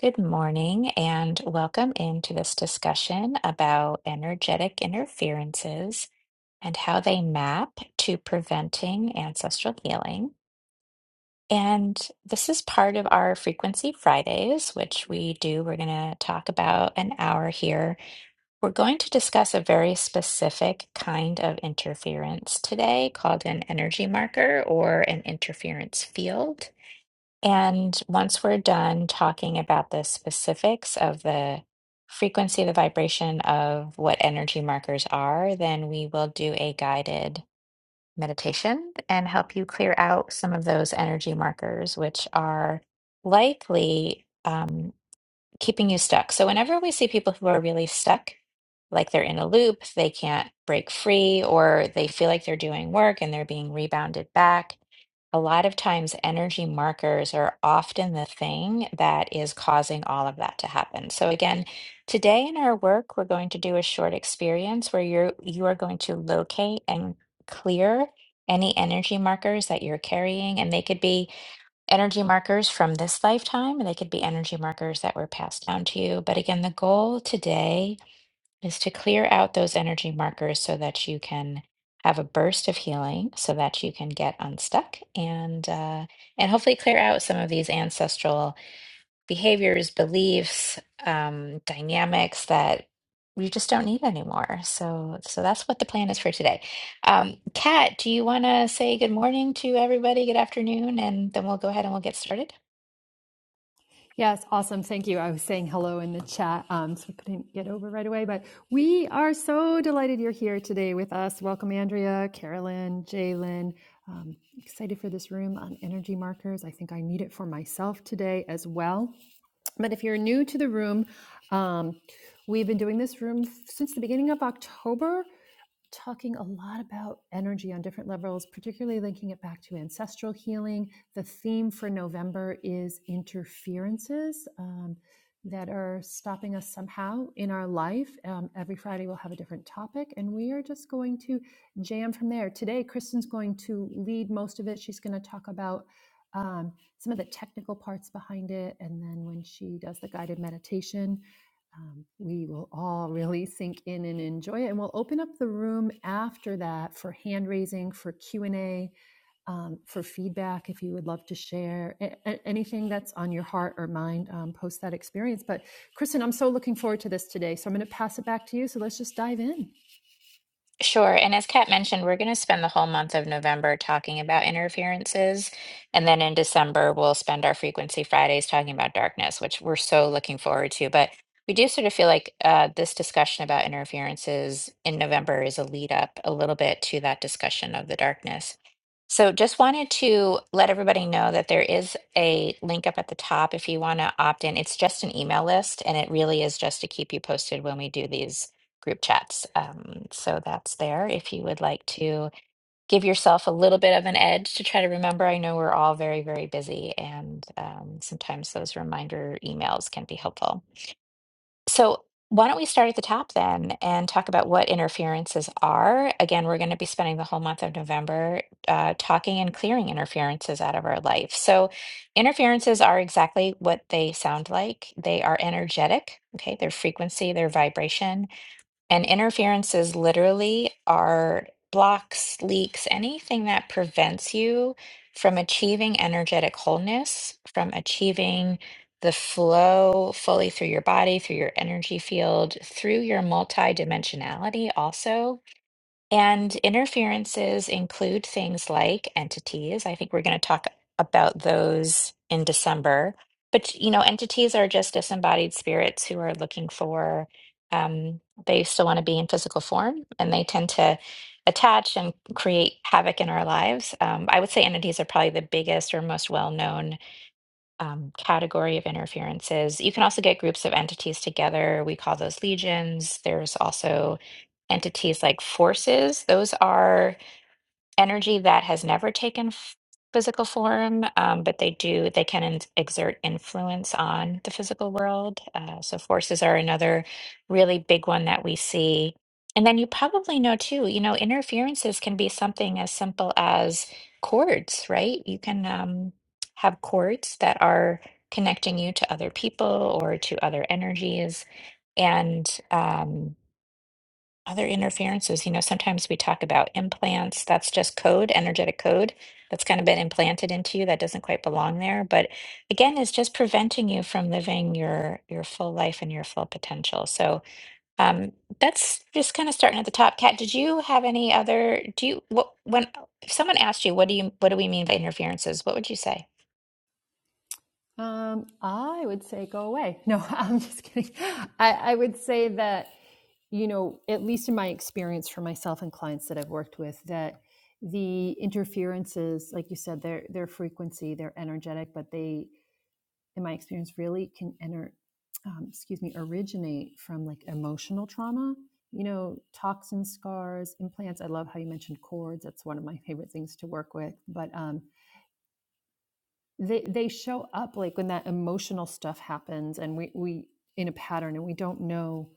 Good morning and welcome into this discussion about energetic interferences and how they map to preventing ancestral healing. And this is part of our Frequency Fridays, which we do. We're going to talk about an hour here. We're going to discuss a very specific kind of interference today called an energy marker or an interference field. And once we're done talking about the specifics of the frequency, the vibration of what energy markers are, then we will do a guided meditation and help you clear out some of those energy markers, which are likely um, keeping you stuck. So, whenever we see people who are really stuck, like they're in a loop, they can't break free, or they feel like they're doing work and they're being rebounded back a lot of times energy markers are often the thing that is causing all of that to happen. So again, today in our work, we're going to do a short experience where you're you are going to locate and clear any energy markers that you're carrying. And they could be energy markers from this lifetime, and they could be energy markers that were passed down to you. But again, the goal today is to clear out those energy markers so that you can have a burst of healing so that you can get unstuck and uh, and hopefully clear out some of these ancestral behaviors beliefs um, dynamics that you just don't need anymore so so that's what the plan is for today um, Kat do you want to say good morning to everybody good afternoon and then we'll go ahead and we'll get started Yes, awesome. Thank you. I was saying hello in the chat, um, so I couldn't get over right away. But we are so delighted you're here today with us. Welcome, Andrea, Carolyn, Jalen. Um, excited for this room on energy markers. I think I need it for myself today as well. But if you're new to the room, um, we've been doing this room since the beginning of October talking a lot about energy on different levels, particularly linking it back to ancestral healing. The theme for November is interferences um, that are stopping us somehow in our life. Um, every Friday, we'll have a different topic, and we are just going to jam from there. Today, Kristen's going to lead most of it. She's going to talk about um, some of the technical parts behind it, and then when she does the guided meditation, um, we will all really sink in and enjoy it and we'll open up the room after that for hand raising for q&a um, for feedback if you would love to share a- a- anything that's on your heart or mind um, post that experience but kristen i'm so looking forward to this today so i'm going to pass it back to you so let's just dive in Sure. And as Kat mentioned, we're going to spend the whole month of November talking about interferences. And then in December, we'll spend our Frequency Fridays talking about darkness, which we're so looking forward to. But we do sort of feel like uh, this discussion about interferences in November is a lead up a little bit to that discussion of the darkness. So just wanted to let everybody know that there is a link up at the top if you want to opt in. It's just an email list, and it really is just to keep you posted when we do these group chats. Um, so that's there if you would like to give yourself a little bit of an edge to try to remember. I know we're all very, very busy, and um, sometimes those reminder emails can be helpful. So, why don't we start at the top then and talk about what interferences are? Again, we're going to be spending the whole month of November uh, talking and clearing interferences out of our life. So, interferences are exactly what they sound like they are energetic, okay, their frequency, their vibration and interferences literally are blocks, leaks, anything that prevents you from achieving energetic wholeness, from achieving the flow fully through your body, through your energy field, through your multidimensionality also and interferences include things like entities. I think we're going to talk about those in December. But, you know, entities are just disembodied spirits who are looking for, um, they still want to be in physical form and they tend to attach and create havoc in our lives. Um, I would say entities are probably the biggest or most well known um, category of interferences. You can also get groups of entities together. We call those legions. There's also entities like forces. Those are energy that has never taken f- physical form, um, but they do, they can in- exert influence on the physical world. Uh, so forces are another really big one that we see. And then you probably know too, you know, interferences can be something as simple as cords, right? You can um, have cords that are connecting you to other people or to other energies. And um, other interferences, you know, sometimes we talk about implants. That's just code, energetic code that's kind of been implanted into you that doesn't quite belong there. But again, it's just preventing you from living your your full life and your full potential. So um, that's just kind of starting at the top. Kat, did you have any other? Do you what when if someone asked you what do you what do we mean by interferences? What would you say? um, i would say go away no i'm just kidding i, I would say that you know, at least in my experience for myself and clients that I've worked with, that the interferences, like you said, their their frequency, they're energetic, but they, in my experience, really can enter, um, excuse me, originate from like emotional trauma. You know, toxin scars, implants. I love how you mentioned cords. That's one of my favorite things to work with. But um, they they show up like when that emotional stuff happens and we we in a pattern and we don't know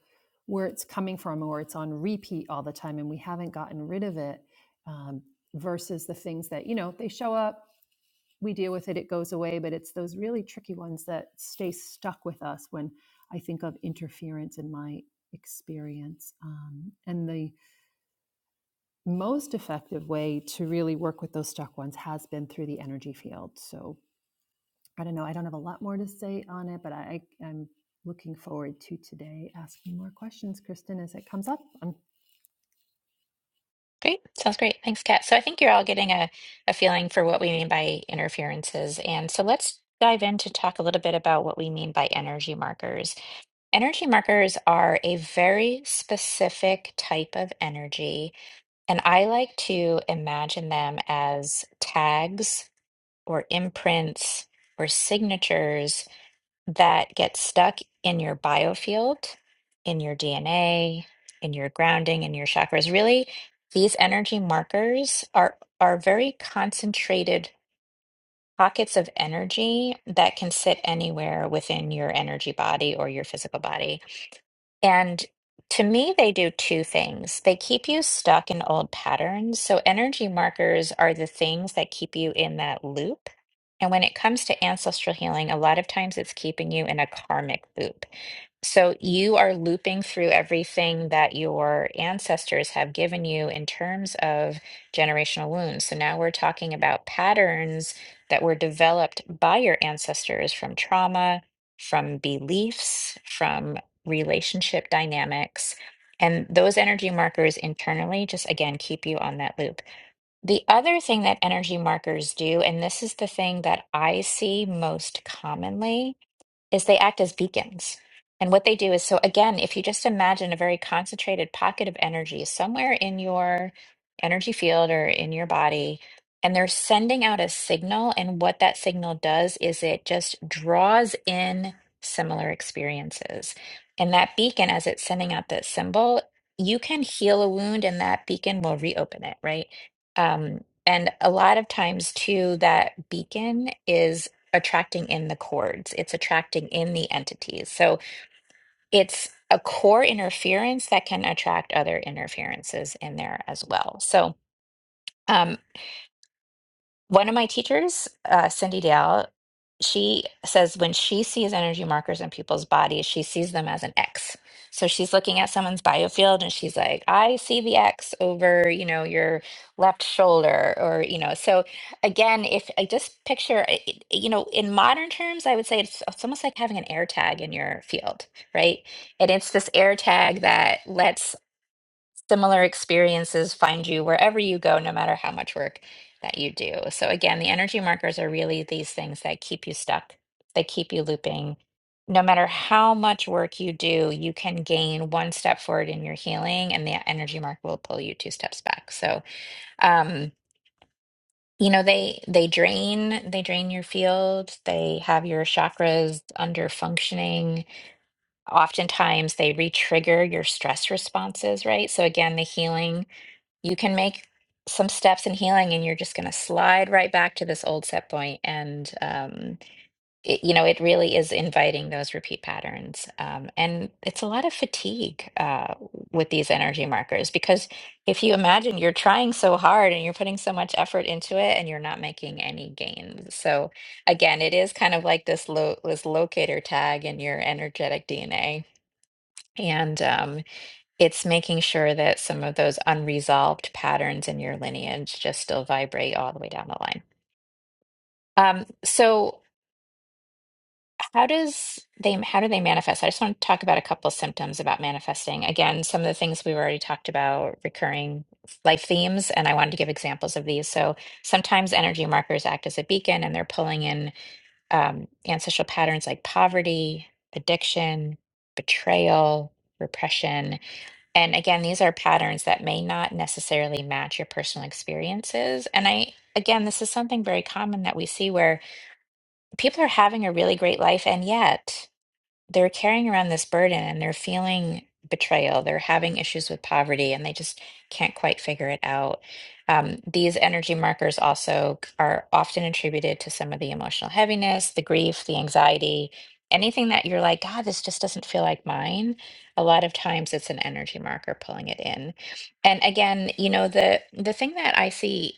where it's coming from or it's on repeat all the time and we haven't gotten rid of it um, versus the things that you know they show up we deal with it it goes away but it's those really tricky ones that stay stuck with us when i think of interference in my experience um, and the most effective way to really work with those stuck ones has been through the energy field so I don't know. I don't have a lot more to say on it, but I, I'm looking forward to today asking more questions, Kristen, as it comes up. I'm Great. Sounds great. Thanks, Kat. So I think you're all getting a, a feeling for what we mean by interferences. And so let's dive in to talk a little bit about what we mean by energy markers. Energy markers are a very specific type of energy, and I like to imagine them as tags or imprints or signatures that get stuck in your biofield, in your DNA, in your grounding, in your chakras. Really, these energy markers are are very concentrated pockets of energy that can sit anywhere within your energy body or your physical body. And to me, they do two things. They keep you stuck in old patterns. So, energy markers are the things that keep you in that loop. And when it comes to ancestral healing, a lot of times it's keeping you in a karmic loop. So you are looping through everything that your ancestors have given you in terms of generational wounds. So now we're talking about patterns that were developed by your ancestors from trauma, from beliefs, from relationship dynamics. And those energy markers internally just again keep you on that loop. The other thing that energy markers do, and this is the thing that I see most commonly is they act as beacons. And what they do is so, again, if you just imagine a very concentrated pocket of energy somewhere in your energy field or in your body, and they're sending out a signal. And what that signal does is it just draws in similar experiences. And that beacon, as it's sending out that symbol, you can heal a wound and that beacon will reopen it, right? Um, and a lot of times, too, that beacon is attracting in the cords, it's attracting in the entities. So it's a core interference that can attract other interferences in there as well. So, um, one of my teachers, uh, Cindy Dale, she says when she sees energy markers in people's bodies, she sees them as an X. So she's looking at someone's biofield and she's like, I see the X over, you know, your left shoulder or, you know, so again, if I just picture, I- I- you know, in modern terms, I would say it's, it's almost like having an air tag in your field, right? And it's this air tag that lets similar experiences find you wherever you go, no matter how much work that you do. So, again, the energy markers are really these things that keep you stuck, they keep you looping. No matter how much work you do, you can gain one step forward in your healing, and the energy mark will pull you two steps back. So, um, you know they they drain they drain your field they have your chakras under functioning oftentimes they re-trigger your stress responses right so again the healing you can make some steps in healing and you're just going to slide right back to this old set point point. and um, it, you know it really is inviting those repeat patterns um, and it's a lot of fatigue uh, with these energy markers because if you imagine you're trying so hard and you're putting so much effort into it and you're not making any gains so again it is kind of like this lo- this locator tag in your energetic dna and um, it's making sure that some of those unresolved patterns in your lineage just still vibrate all the way down the line. Um, so how does they how do they manifest? I just want to talk about a couple symptoms about manifesting. Again, some of the things we've already talked about, recurring life themes, and I wanted to give examples of these. So sometimes energy markers act as a beacon and they're pulling in um, ancestral patterns like poverty, addiction, betrayal, repression And again, these are patterns that may not necessarily match your personal experiences. And I, again, this is something very common that we see where people are having a really great life, and yet they're carrying around this burden and they're feeling betrayal. They're having issues with poverty and they just can't quite figure it out. Um, these energy markers also c- are often attributed to some of the emotional heaviness, the grief, the anxiety, anything that you're like, God, this just doesn't feel like mine. A lot of times it's an energy marker pulling it in. And again, you know, the the thing that I see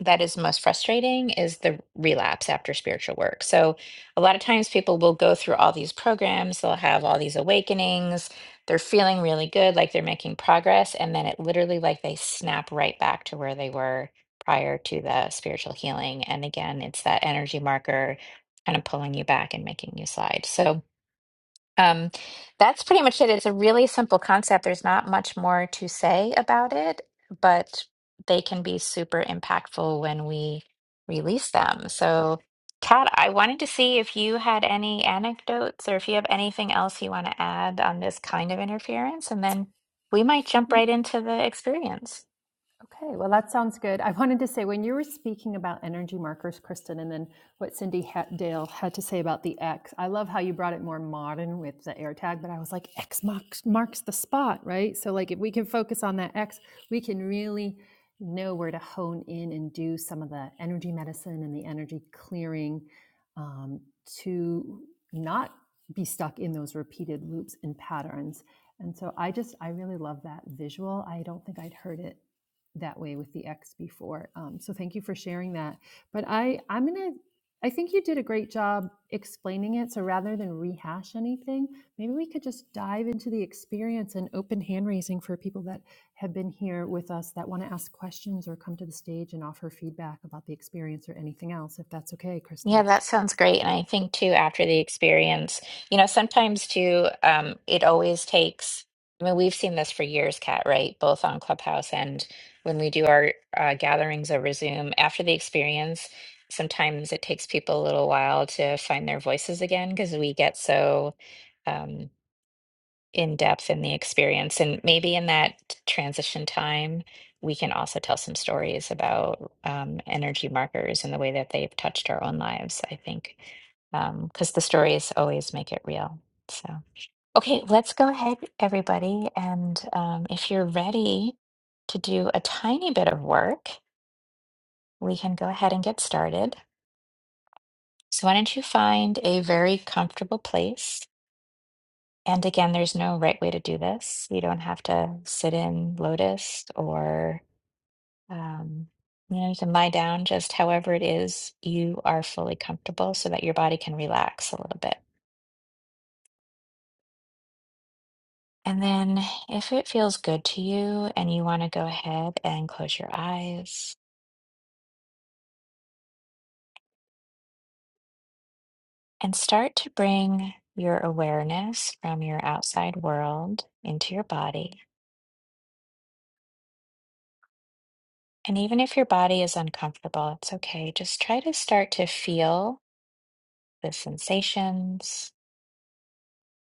that is most frustrating is the relapse after spiritual work. So a lot of times people will go through all these programs, they'll have all these awakenings, they're feeling really good, like they're making progress, and then it literally like they snap right back to where they were prior to the spiritual healing. And again, it's that energy marker kind of pulling you back and making you slide. So um, that's pretty much it. It's a really simple concept. There's not much more to say about it, but they can be super impactful when we release them. So, Kat, I wanted to see if you had any anecdotes or if you have anything else you want to add on this kind of interference, and then we might jump right into the experience. Okay, well, that sounds good. I wanted to say when you were speaking about energy markers, Kristen, and then what Cindy Hat- Dale had to say about the X, I love how you brought it more modern with the AirTag, but I was like, X marks, marks the spot, right? So, like, if we can focus on that X, we can really know where to hone in and do some of the energy medicine and the energy clearing um, to not be stuck in those repeated loops and patterns. And so I just, I really love that visual. I don't think I'd heard it that way with the X before. Um, so thank you for sharing that. But I, I'm gonna, I think you did a great job explaining it. So rather than rehash anything, maybe we could just dive into the experience and open hand raising for people that have been here with us that want to ask questions or come to the stage and offer feedback about the experience or anything else, if that's okay, Kristen. Yeah, that sounds great. And I think too, after the experience, you know, sometimes too, um, it always takes, I mean, we've seen this for years, Kat, right? Both on Clubhouse and when we do our uh, gatherings over Zoom, after the experience, sometimes it takes people a little while to find their voices again because we get so. um, in depth in the experience. And maybe in that transition time, we can also tell some stories about um, energy markers and the way that they've touched our own lives, I think, because the stories always make it real. So, okay, let's go ahead, everybody. And um, if you're ready to do a tiny bit of work, we can go ahead and get started. So, why don't you find a very comfortable place? And again, there's no right way to do this. You don't have to sit in lotus or, um, you know, you can lie down just however it is you are fully comfortable so that your body can relax a little bit. And then if it feels good to you and you want to go ahead and close your eyes and start to bring your awareness from your outside world into your body. And even if your body is uncomfortable, it's okay. Just try to start to feel. the sensations.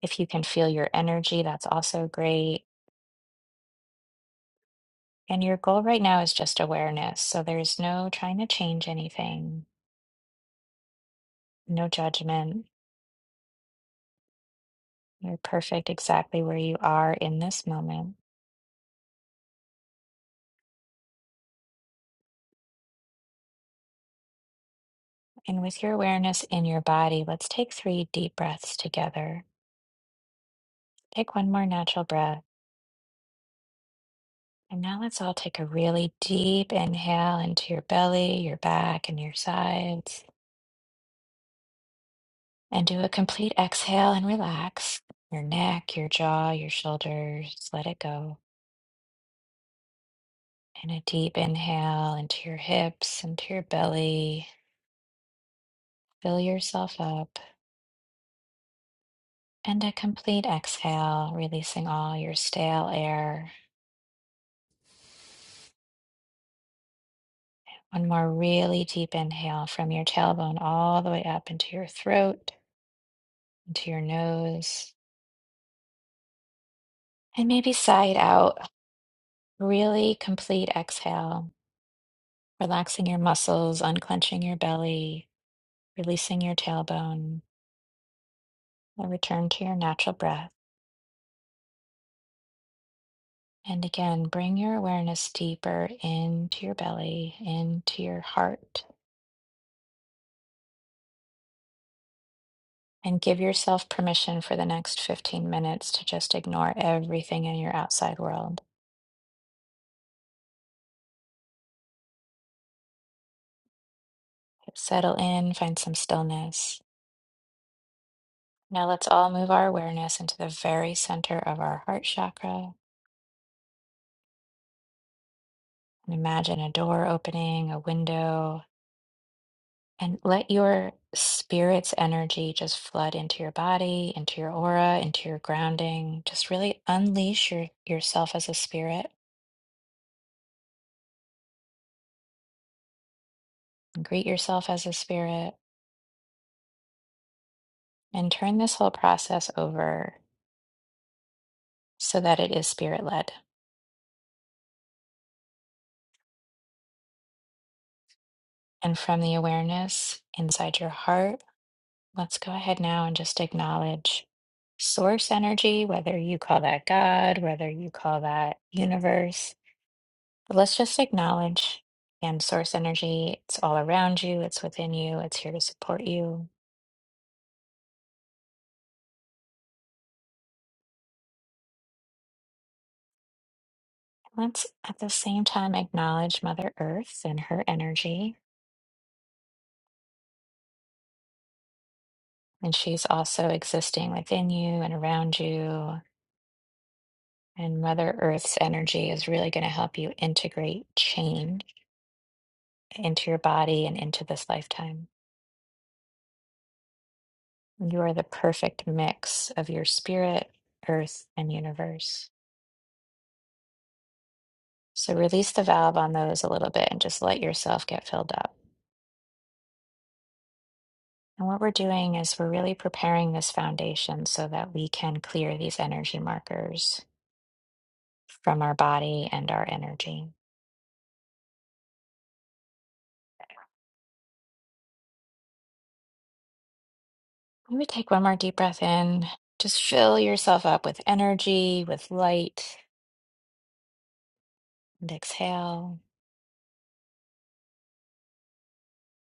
If you can feel your energy, that's also great. And your goal right now is just awareness. So there's no trying to change anything, no judgment. You're perfect exactly where you are in this moment. And with your awareness in your body, let's take three deep breaths together. Take one more natural breath. And now let's all take a really deep inhale into your belly, your back, and your sides. And do a complete exhale and relax your neck, your jaw, your shoulders. Let it go. And a deep inhale into your hips, into your belly. Fill yourself up. And a complete exhale, releasing all your stale air. One more really deep inhale from your tailbone all the way up into your throat, into your nose. And maybe side out. Really complete exhale, relaxing your muscles, unclenching your belly releasing your tailbone, a return to your natural breath. And again, bring your awareness deeper into your belly, into your heart, and give yourself permission for the next 15 minutes to just ignore everything in your outside world. Settle in, find some stillness. Now let's all move our awareness into the very center of our heart chakra and imagine a door opening, a window, And let your spirit's energy just flood into your body, into your aura, into your grounding. Just really unleash your, yourself as a spirit, greet yourself as a spirit, and turn this whole process over so that it is spirit led. And from the awareness inside your heart, let's go ahead now and just acknowledge source energy, whether you call that God, whether you call that universe But let's just acknowledge and source energy, it's all around you, it's within you, it's here to support you. Let's at the same time acknowledge Mother Earth and her energy. And she's also existing within you and around you. And Mother Earth's energy is really going to help you integrate change into your body and into this lifetime. You are the perfect mix of your spirit, earth, and universe. So release the valve on those a little bit and just let yourself get filled up. And what we're doing is we're really preparing this foundation so that we can clear these energy markers from our body and our energy. Maybe take one more deep breath in. Just fill yourself up with energy, with light, and exhale.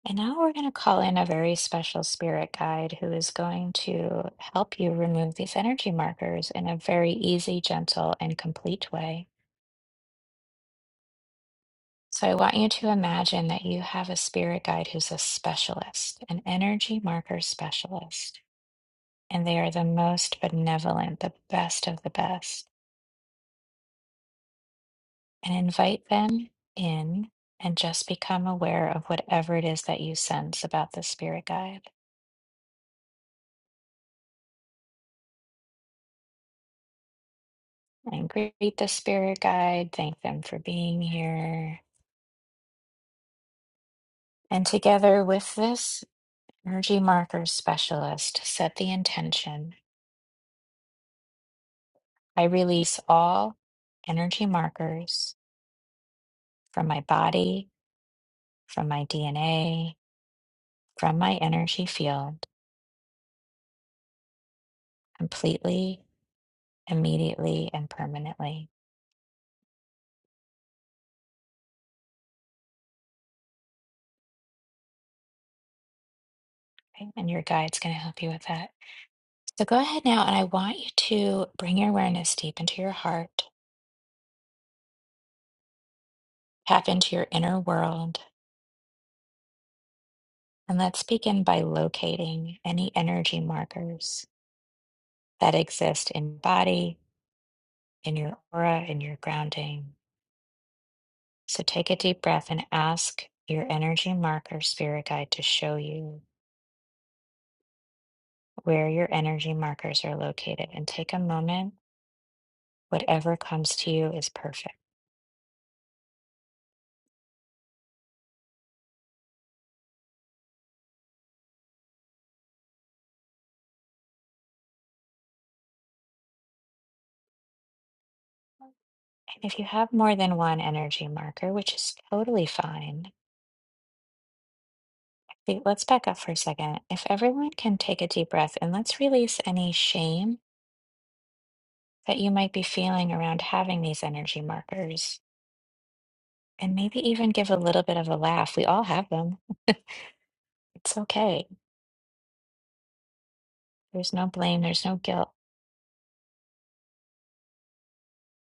And now we're going to call in a very special spirit guide who is going to help you remove these energy markers in a very easy, gentle, and complete way. So I want you to imagine that you have a spirit guide who's a specialist, an energy marker specialist, and they are the most benevolent, the best of the best. And invite them in and just become aware of whatever it is that you sense about the spirit guide. And greet the spirit guide, thank them for being here. And together with this energy marker specialist, set the intention I release all energy markers from my body, from my DNA, from my energy field, completely, immediately, and permanently. Okay, And your guide's going to help you with that. So go ahead now, and I want you to bring your awareness deep into your heart, tap into your inner world, and let's begin by locating any energy markers that exist in your body, in your aura, in your grounding. So take a deep breath and ask your energy marker spirit guide to show you where your energy markers are located and take a moment. Whatever comes to you is perfect. And if you have more than one energy marker, which is totally fine, wait, let's back up for a second. If everyone can take a deep breath and let's release any shame that you might be feeling around having these energy markers, and maybe even give a little bit of a laugh. We all have them. It's okay. There's no blame, there's no guilt.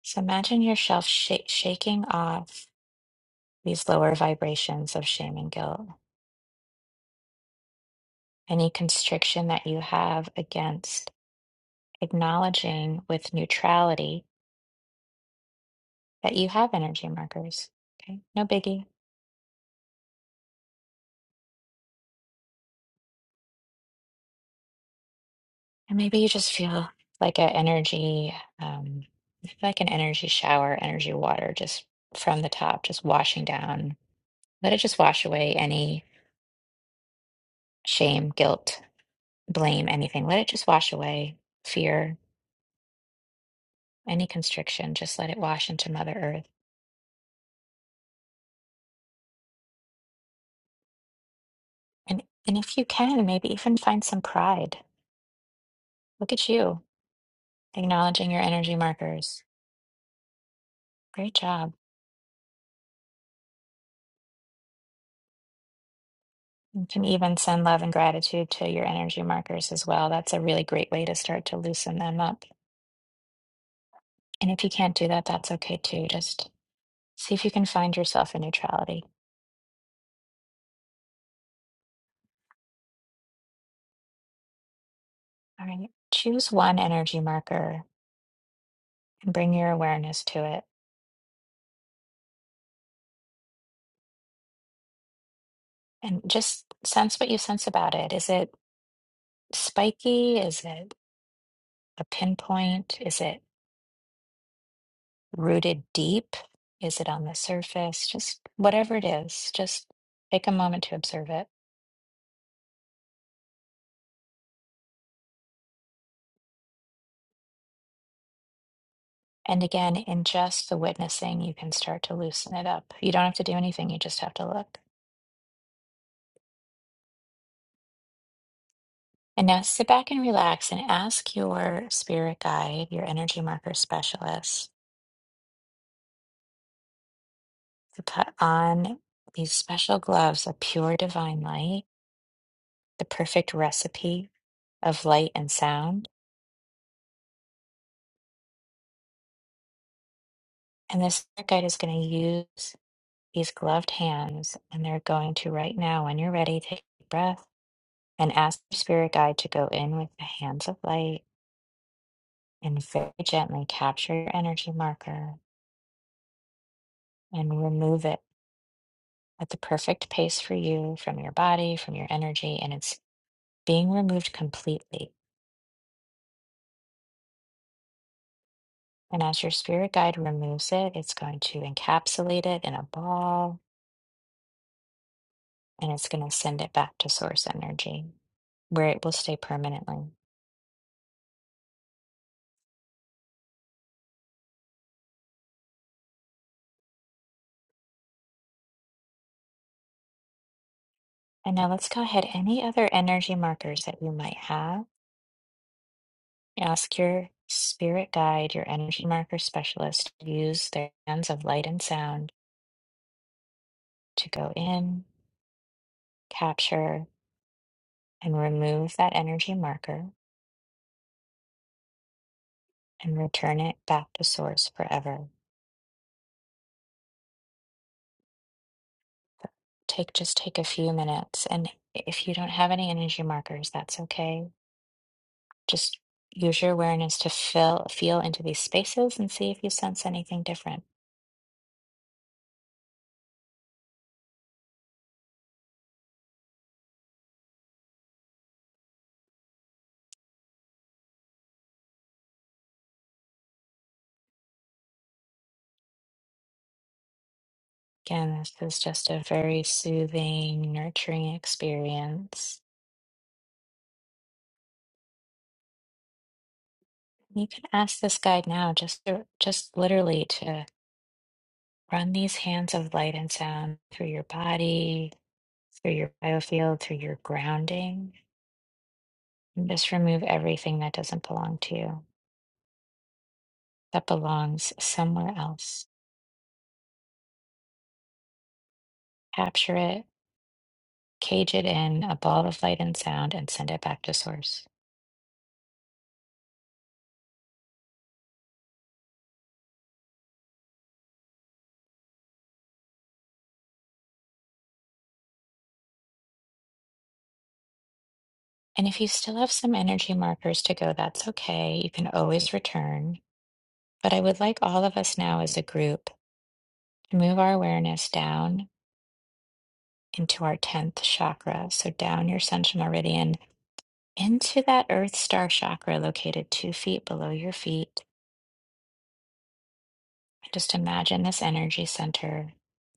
So imagine yourself sh- shaking off these lower vibrations of shame and guilt any constriction that you have against acknowledging with neutrality that you have energy markers. Okay, no biggie. And maybe you just feel like an energy, um, like an energy shower, energy water, just from the top, just washing down. Let it just wash away any shame, guilt, blame, anything. Let it just wash away fear, any constriction. Just let it wash into Mother Earth. And and if you can, maybe even find some pride. Look at you acknowledging your energy markers. Great job. You can even send love and gratitude to your energy markers as well. That's a really great way to start to loosen them up. And if you can't do that, that's okay too. Just see if you can find yourself in neutrality. All right. Choose one energy marker and bring your awareness to it and just sense what you sense about it. Is it spiky? Is it a pinpoint? Is it rooted deep? Is it on the surface? Just whatever it is, just take a moment to observe it. And again, in just the witnessing, you can start to loosen it up. You don't have to do anything, you just have to look. And now sit back and relax and ask your spirit guide, your energy marker specialist, to put on these special gloves of pure divine light, the perfect recipe of light and sound. And this spirit guide is going to use these gloved hands, and they're going to right now, when you're ready, take a deep breath and ask your spirit guide to go in with the hands of light and very gently capture your energy marker and remove it at the perfect pace for you from your body, from your energy, and it's being removed completely. And as your spirit guide removes it, it's going to encapsulate it in a ball and it's going to send it back to source energy where it will stay permanently. And now let's go ahead. Any other energy markers that you might have, ask your spirit guide, your energy marker specialist, to use their hands of light and sound to go in, capture, and remove that energy marker and return it back to source forever. Take just take a few minutes and if you don't have any energy markers, that's okay. Just use your awareness to feel feel into these spaces and see if you sense anything different. Again, this is just a very soothing, nurturing experience. You can ask this guide now just to, just literally to run these hands of light and sound through your body, through your biofield, through your grounding. And just remove everything that doesn't belong to you, that belongs somewhere else. Capture it, cage it in a ball of light and sound, and send it back to source. And if you still have some energy markers to go, that's okay. You can always return. But I would like all of us now as a group to move our awareness down into our 10th chakra. So down your central meridian into that earth star chakra located two feet below your feet Just imagine this energy center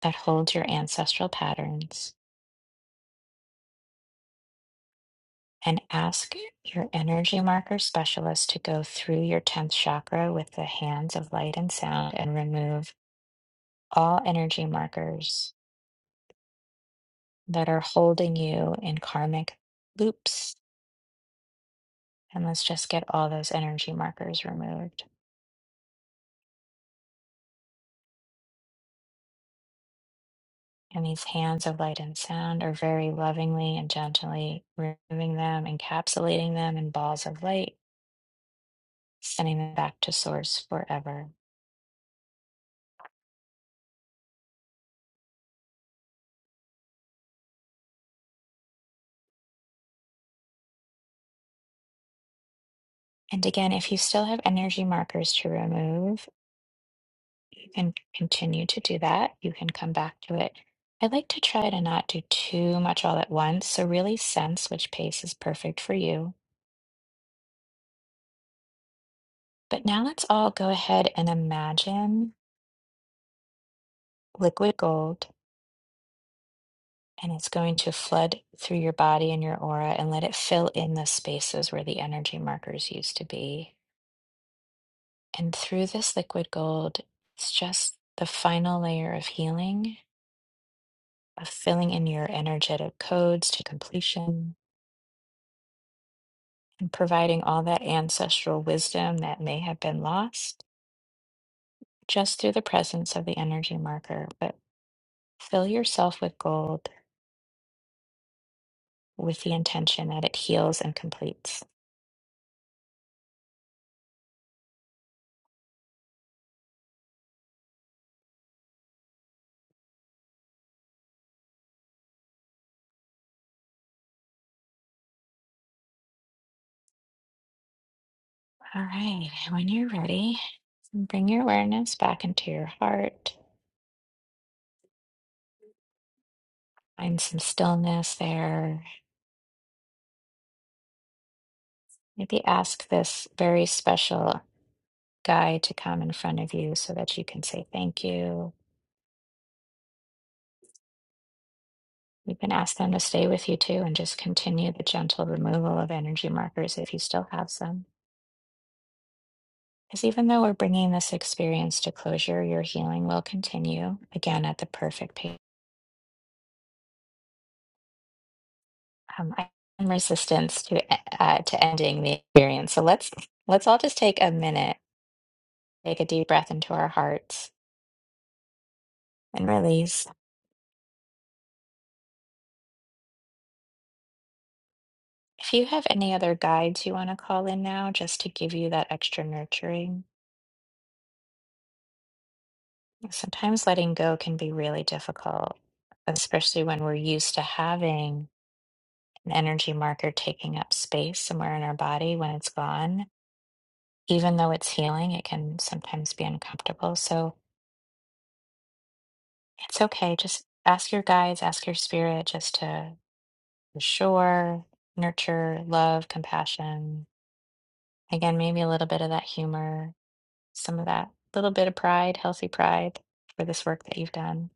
that holds your ancestral patterns and ask your energy marker specialist to go through your 10th chakra with the hands of light and sound and remove all energy markers that are holding you in karmic loops. And let's just get all those energy markers removed. And these hands of light and sound are very lovingly and gently removing them, encapsulating them in balls of light sending them back to source forever. And again, if you still have energy markers to remove, you can continue to do that. You can come back to it. I like to try to not do too much all at once, so really sense which pace is perfect for you. But now let's all go ahead and imagine liquid gold, and it's going to flood through your body and your aura and let it fill in the spaces where the energy markers used to be. And through this liquid gold, it's just the final layer of healing, of filling in your energetic codes to completion and providing all that ancestral wisdom that may have been lost just through the presence of the energy marker. But fill yourself with gold with the intention that it heals and completes. All right, when you're ready, bring your awareness back into your heart. Find some stillness there. Maybe ask this very special Guy to come in front of you so that you can say thank you. You can ask them to stay with you too and just continue the gentle removal of energy markers if you still have some. Because even though we're bringing this experience to closure, your healing will continue again at the perfect pace. Um, I am resistance to uh, to ending the experience, so let's let's all just take a minute, take a deep breath into our hearts, and release. If you have any other guides you want to call in now, just to give you that extra nurturing, Sometimes letting go can be really difficult, especially when we're used to having an energy marker taking up space somewhere in our body when it's gone. Even though it's healing, it can sometimes be uncomfortable. So it's okay. Just ask your guides, ask your spirit just to ensure, nurture, love, compassion. Again, maybe a little bit of that humor, some of that little bit of pride, healthy pride for this work that you've done.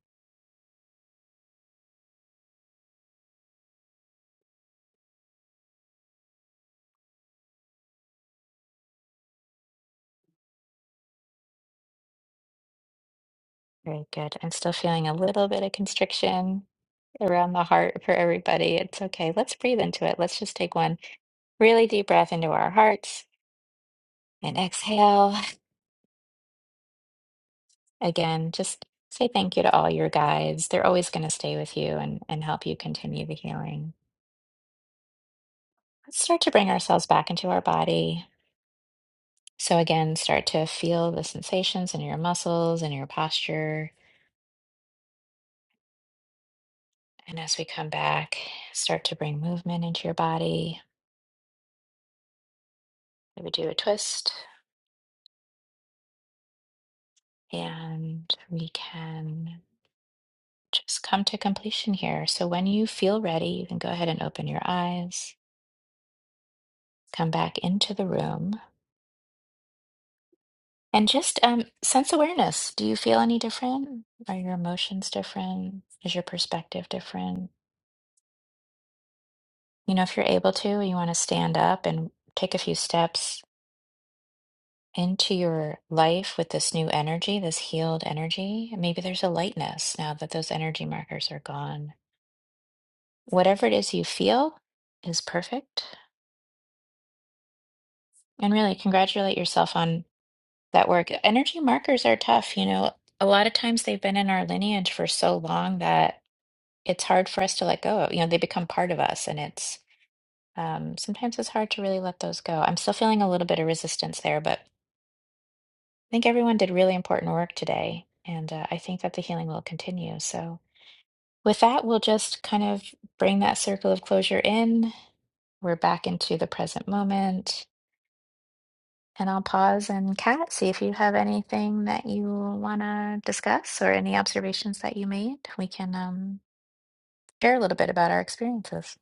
Very good. I'm still feeling a little bit of constriction around the heart for everybody. It's okay. Let's breathe into it. Let's just take one really deep breath into our hearts and exhale. Again, just say thank you to all your guides. They're always going to stay with you and, and help you continue the healing. Let's start to bring ourselves back into our body. So, again, start to feel the sensations in your muscles and your posture. And as we come back, start to bring movement into your body. Maybe do a twist and we can. just come to completion here. So when you feel ready, you can go ahead and open your eyes, come back into the room, and just um, sense awareness. Do you feel any different? Are your emotions different? Is your perspective different? You know, if you're able to, you want to stand up and take a few steps into your life with this new energy, this healed energy. Maybe there's a lightness now that those energy markers are gone. Whatever it is you feel is perfect. And really congratulate yourself on that work. Energy markers are tough, you know. A lot of times they've been in our lineage for so long that it's hard for us to let go. You know, they become part of us, and it's um, sometimes it's hard to really let those go. I'm still feeling a little bit of resistance there, but I think everyone did really important work today, and uh, I think that the healing will continue. So, with that, we'll just kind of bring that circle of closure in. We're back into the present moment. And I'll pause and Kat, see if you have anything that you want to discuss or any observations that you made. We can um, share a little bit about our experiences.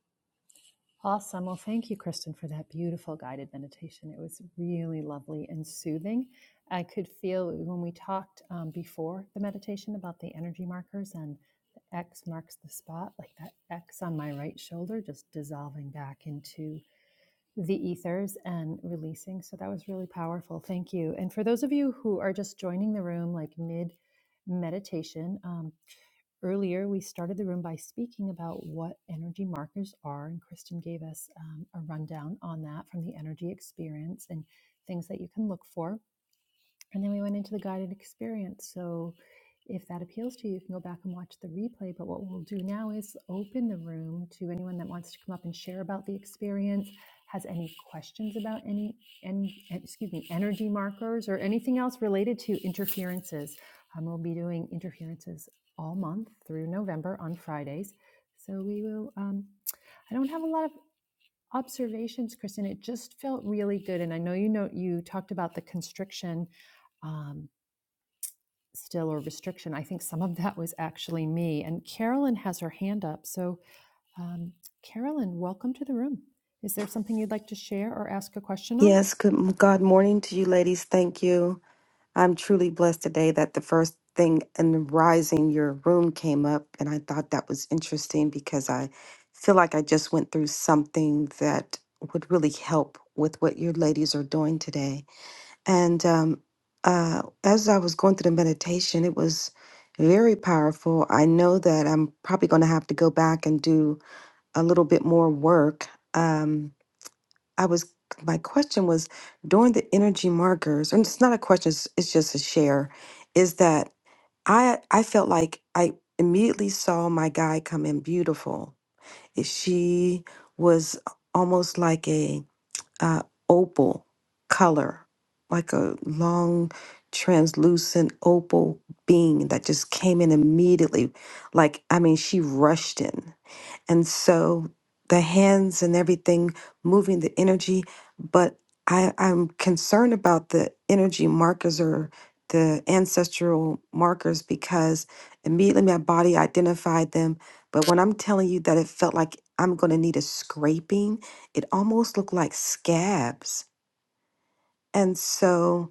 Awesome. Well, thank you, Kristen, for that beautiful guided meditation. It was really lovely and soothing. I could feel when we talked um, before the meditation about the energy markers and the X marks the spot, like that X on my right shoulder just dissolving back into the ethers and releasing. So that was really powerful. Thank you. And for those of you who are just joining the room, like mid meditation, um, Earlier, we started the room by speaking about what energy markers are, and Kristen gave us um, a rundown on that from the energy experience and things that you can look for. And then we went into the guided experience. So if that appeals to you, you can go back and watch the replay. But what we'll do now is open the room to anyone that wants to come up and share about the experience, has any questions about any and excuse me, energy markers or anything else related to interferences. Um, we'll be doing interferences all month through November on Fridays. So we will um, I don't have a lot of observations, Kristen. It just felt really good. And I know you know you talked about the constriction. um, still or restriction. I think some of that was actually me. And Carolyn has her hand up. So, um, Carolyn, welcome to the room. Is there something you'd like to share or ask a question on? Yes, good God morning to you, ladies. Thank you. I'm truly blessed today that the first thing in the rising, your room came up, and I thought that was interesting because I feel like I just went through something that would really help with what your ladies are doing today. And um, uh, as I was going through the meditation, it was very powerful. I know that I'm probably going to have to go back and do a little bit more work. Um, I was my question was during the energy markers, and it's not a question, it's, it's just a share, is that I I felt like I immediately saw my guy come in beautiful. If She was almost like a uh, opal color, like a long translucent opal being that just came in immediately. Like I mean, she rushed in. And so the hands and everything moving the energy, but I, I'm concerned about the energy markers or the ancestral markers because immediately my body identified them. But when I'm telling you that it felt like I'm going to need a scraping, it almost looked like scabs. And so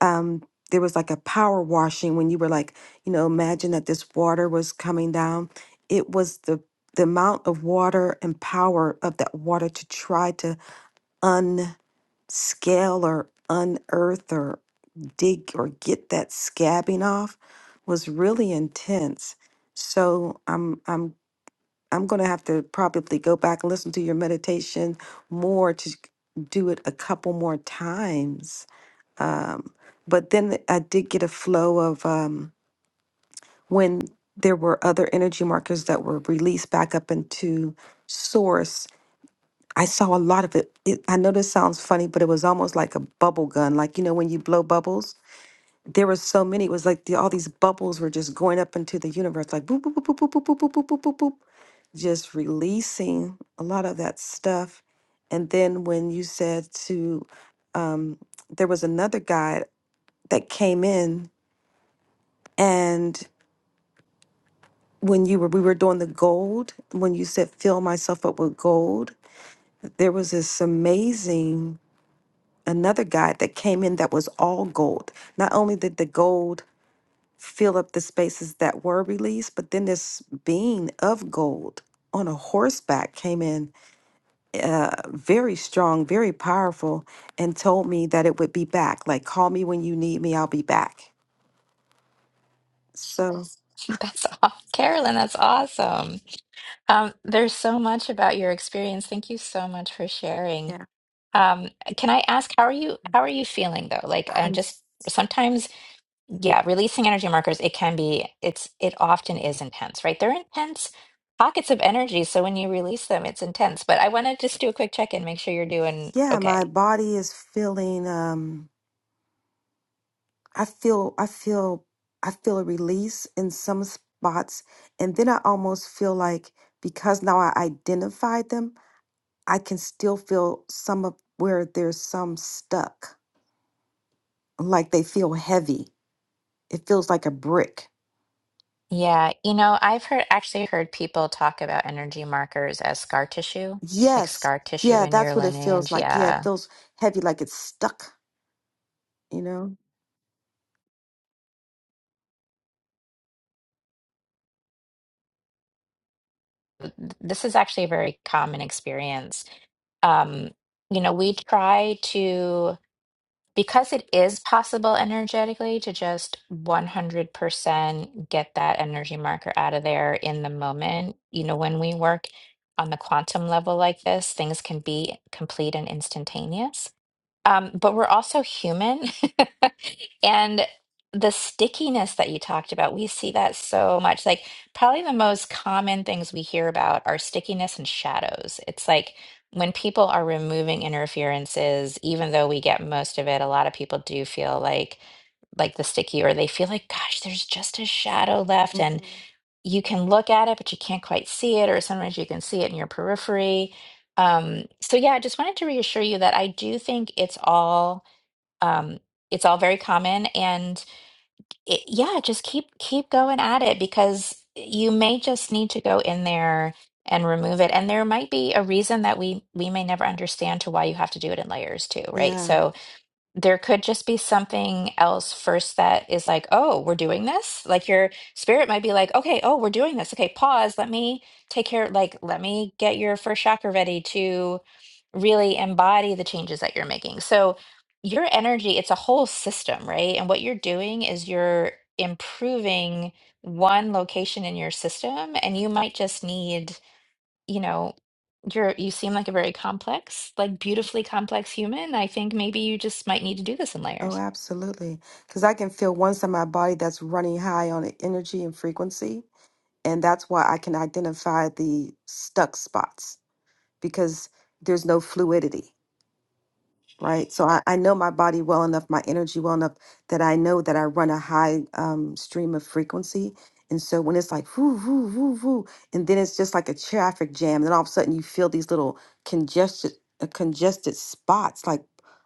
um there was like a power washing when you were like you know imagine that this water was coming down it was the the amount of water and power of that water to try to unscale or unearth or dig or get that scabbing off was really intense so i'm i'm i'm going to have to probably go back and listen to your meditation more to do it a couple more times um, but then I did get a flow of um, when there were other energy markers that were released back up into source. I saw a lot of it. it I know this sounds funny, but it was almost like a bubble gun. Like, you know, when you blow bubbles, there were so many. It was like the, all these bubbles were just going up into the universe, like boop, boop, boop, boop, boop, boop, boop, boop, boop, boop, boop, just releasing a lot of that stuff. And then when you said to, um, there was another guy that came in And when you were we were doing the gold, when you said fill myself up with gold, there was this amazing another guy that came in that was all gold. Not only did the gold fill up the spaces that were released, but then this being of gold on a horseback came in uh, very strong, very powerful, and told me that it would be back. Like, call me when you need me, I'll be back. So, That's aw Carolyn, that's awesome. Um, there's so much about your experience. Thank you so much for sharing. yeah, Um, can I ask, how are you, how are you feeling though? Like, I'm I'm, just sometimes. Yeah, releasing energy markers, it can be, it's it often is intense, right? They're intense pockets of energy, so when you release them, it's intense. But I want to just do a quick check-in, make sure you're doing yeah, my okay. body is feeling. Um, I feel I feel I feel a release in some spots and then I almost feel like because now I identified them, I can still feel some of where there's some stuck, like they feel heavy. It feels like a brick. Yeah, you know, I've heard actually heard people talk about energy markers as scar tissue, like Yes. scar tissue Yeah, in your that's what it feels lineage. like. Yeah, it Yeah. feels heavy like it's stuck, you know? Th- This is actually a very common experience. Um, you know, we try to. because it is possible energetically to just 100% get that energy marker out of there in the moment, you know, when we work on the quantum level like this, things can be complete and instantaneous. Um, but we're also human. And the stickiness that you talked about, we see that so much. Like, probably the most common things we hear about are stickiness and shadows. It's like when people are removing interferences, even though we get most of it, a lot of people do feel like like the sticky or they feel like gosh there's just a shadow left and hmm you can look at it, but you can't quite see it, or sometimes you can see it in your periphery. Um, so yeah, I just wanted to reassure you that I do think it's all um, it's all very common, and it, yeah, just keep keep going at it because you may just need to go in there and remove it, and there might be a reason that we we may never understand to why you have to do it in layers too, right? Yeah. So there could just be something else first that is like, oh, we're doing this. Like your spirit might be like, okay, oh, we're doing this. Okay, pause. Let me take care. Like, let me get your first chakra ready to really embody the changes that you're making. So, your energy, it's a whole system, right? And what you're doing is you're improving one location in your system, and you might just need you know, you're you seem like a very complex, like beautifully complex human. I think maybe you just might need to do this in Oh, layers. absolutely. Because I can feel one side of my body that's running high on energy and frequency And that's why I can identify the stuck spots because there's no fluidity right? So I, I know my body well enough, my energy well enough that I know that I run a high um, stream of frequency. And so when it's like whoo, whoo, whoo, whoo, and then it's just like a traffic jam, and then all of a sudden you feel these little congested, uh, congested spots. Like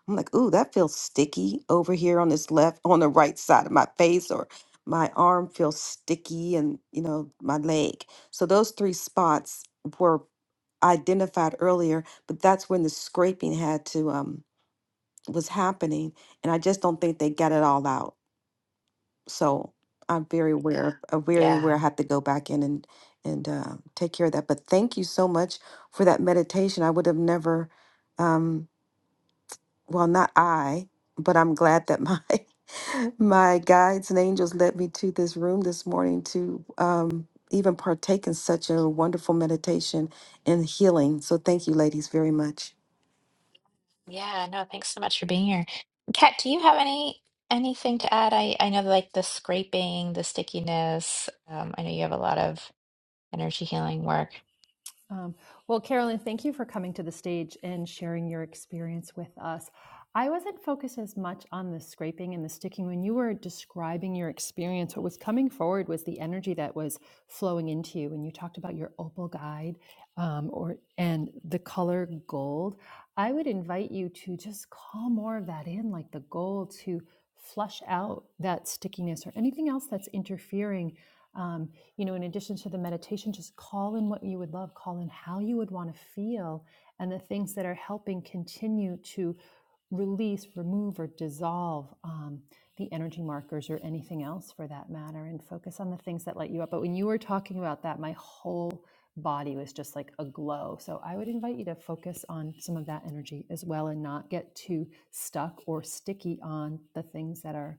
I'm like, ooh, that feels sticky over here on this left, on the right side of my face, or my arm feels sticky, and you know my leg. So those three spots were identified earlier, but that's when the scraping had to um, was happening, and I just don't think they got it all out. So I'm very aware, of- uh, very aware. Yeah. I have to go back in and and uh, take care of that. But thank you so much for that meditation. I would have never, um, well, not I, but I'm glad that my my guides and angels led me to this room this morning to um, even partake in such a wonderful meditation and healing. So thank you, ladies, very much. Yeah, no, thanks so much for being here. Kat, do you have any anything to add? I I know like the scraping, the stickiness. Um, I know you have a lot of energy healing work. Um, well, Carolyn, thank you for coming to the stage and sharing your experience with us. I wasn't focused as much on the scraping and the sticking. When you were describing your experience, what was coming forward was the energy that was flowing into you. When you talked about your opal guide um, or and the color gold, I would invite you to just call more of that in, like the gold, to flush out that stickiness or anything else that's interfering um, you know in addition to the meditation just call in what you would love call in how you would want to feel and the things that are helping continue to release remove or dissolve um, the energy markers or anything else for that matter and focus on the things that light you up but when you were talking about that my whole body was just like aglow. so i would invite you to focus on some of that energy as well and not get too stuck or sticky on the things that are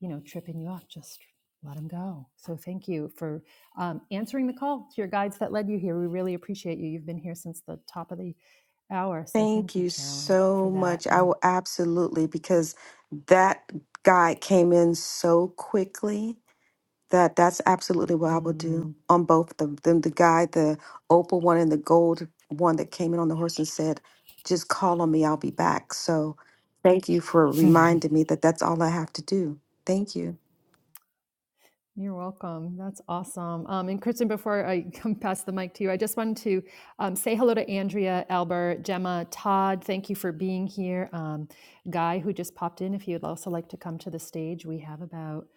you know tripping you up just let them go so thank you for um, answering the call to your guides that led you here we really appreciate you you've been here since the top of the hour so Thank thank you you carolyn for so that much. I and will absolutely because that guy came in so quickly that that's absolutely what I will mm, do on both of them. The guy, the opal one and the gold one that came in on the horse and said, "Just call on me. I'll be back." So, thank you for reminding me that that's all I have to do. Thank you. You're welcome. That's awesome. Um, and Kristen, before I come pass the mic to you, I just wanted to um, say hello to Andrea, Albert, Gemma, Todd. Thank you for being here. Um, Guy, who just popped in, if you'd also like to come to the stage, we have about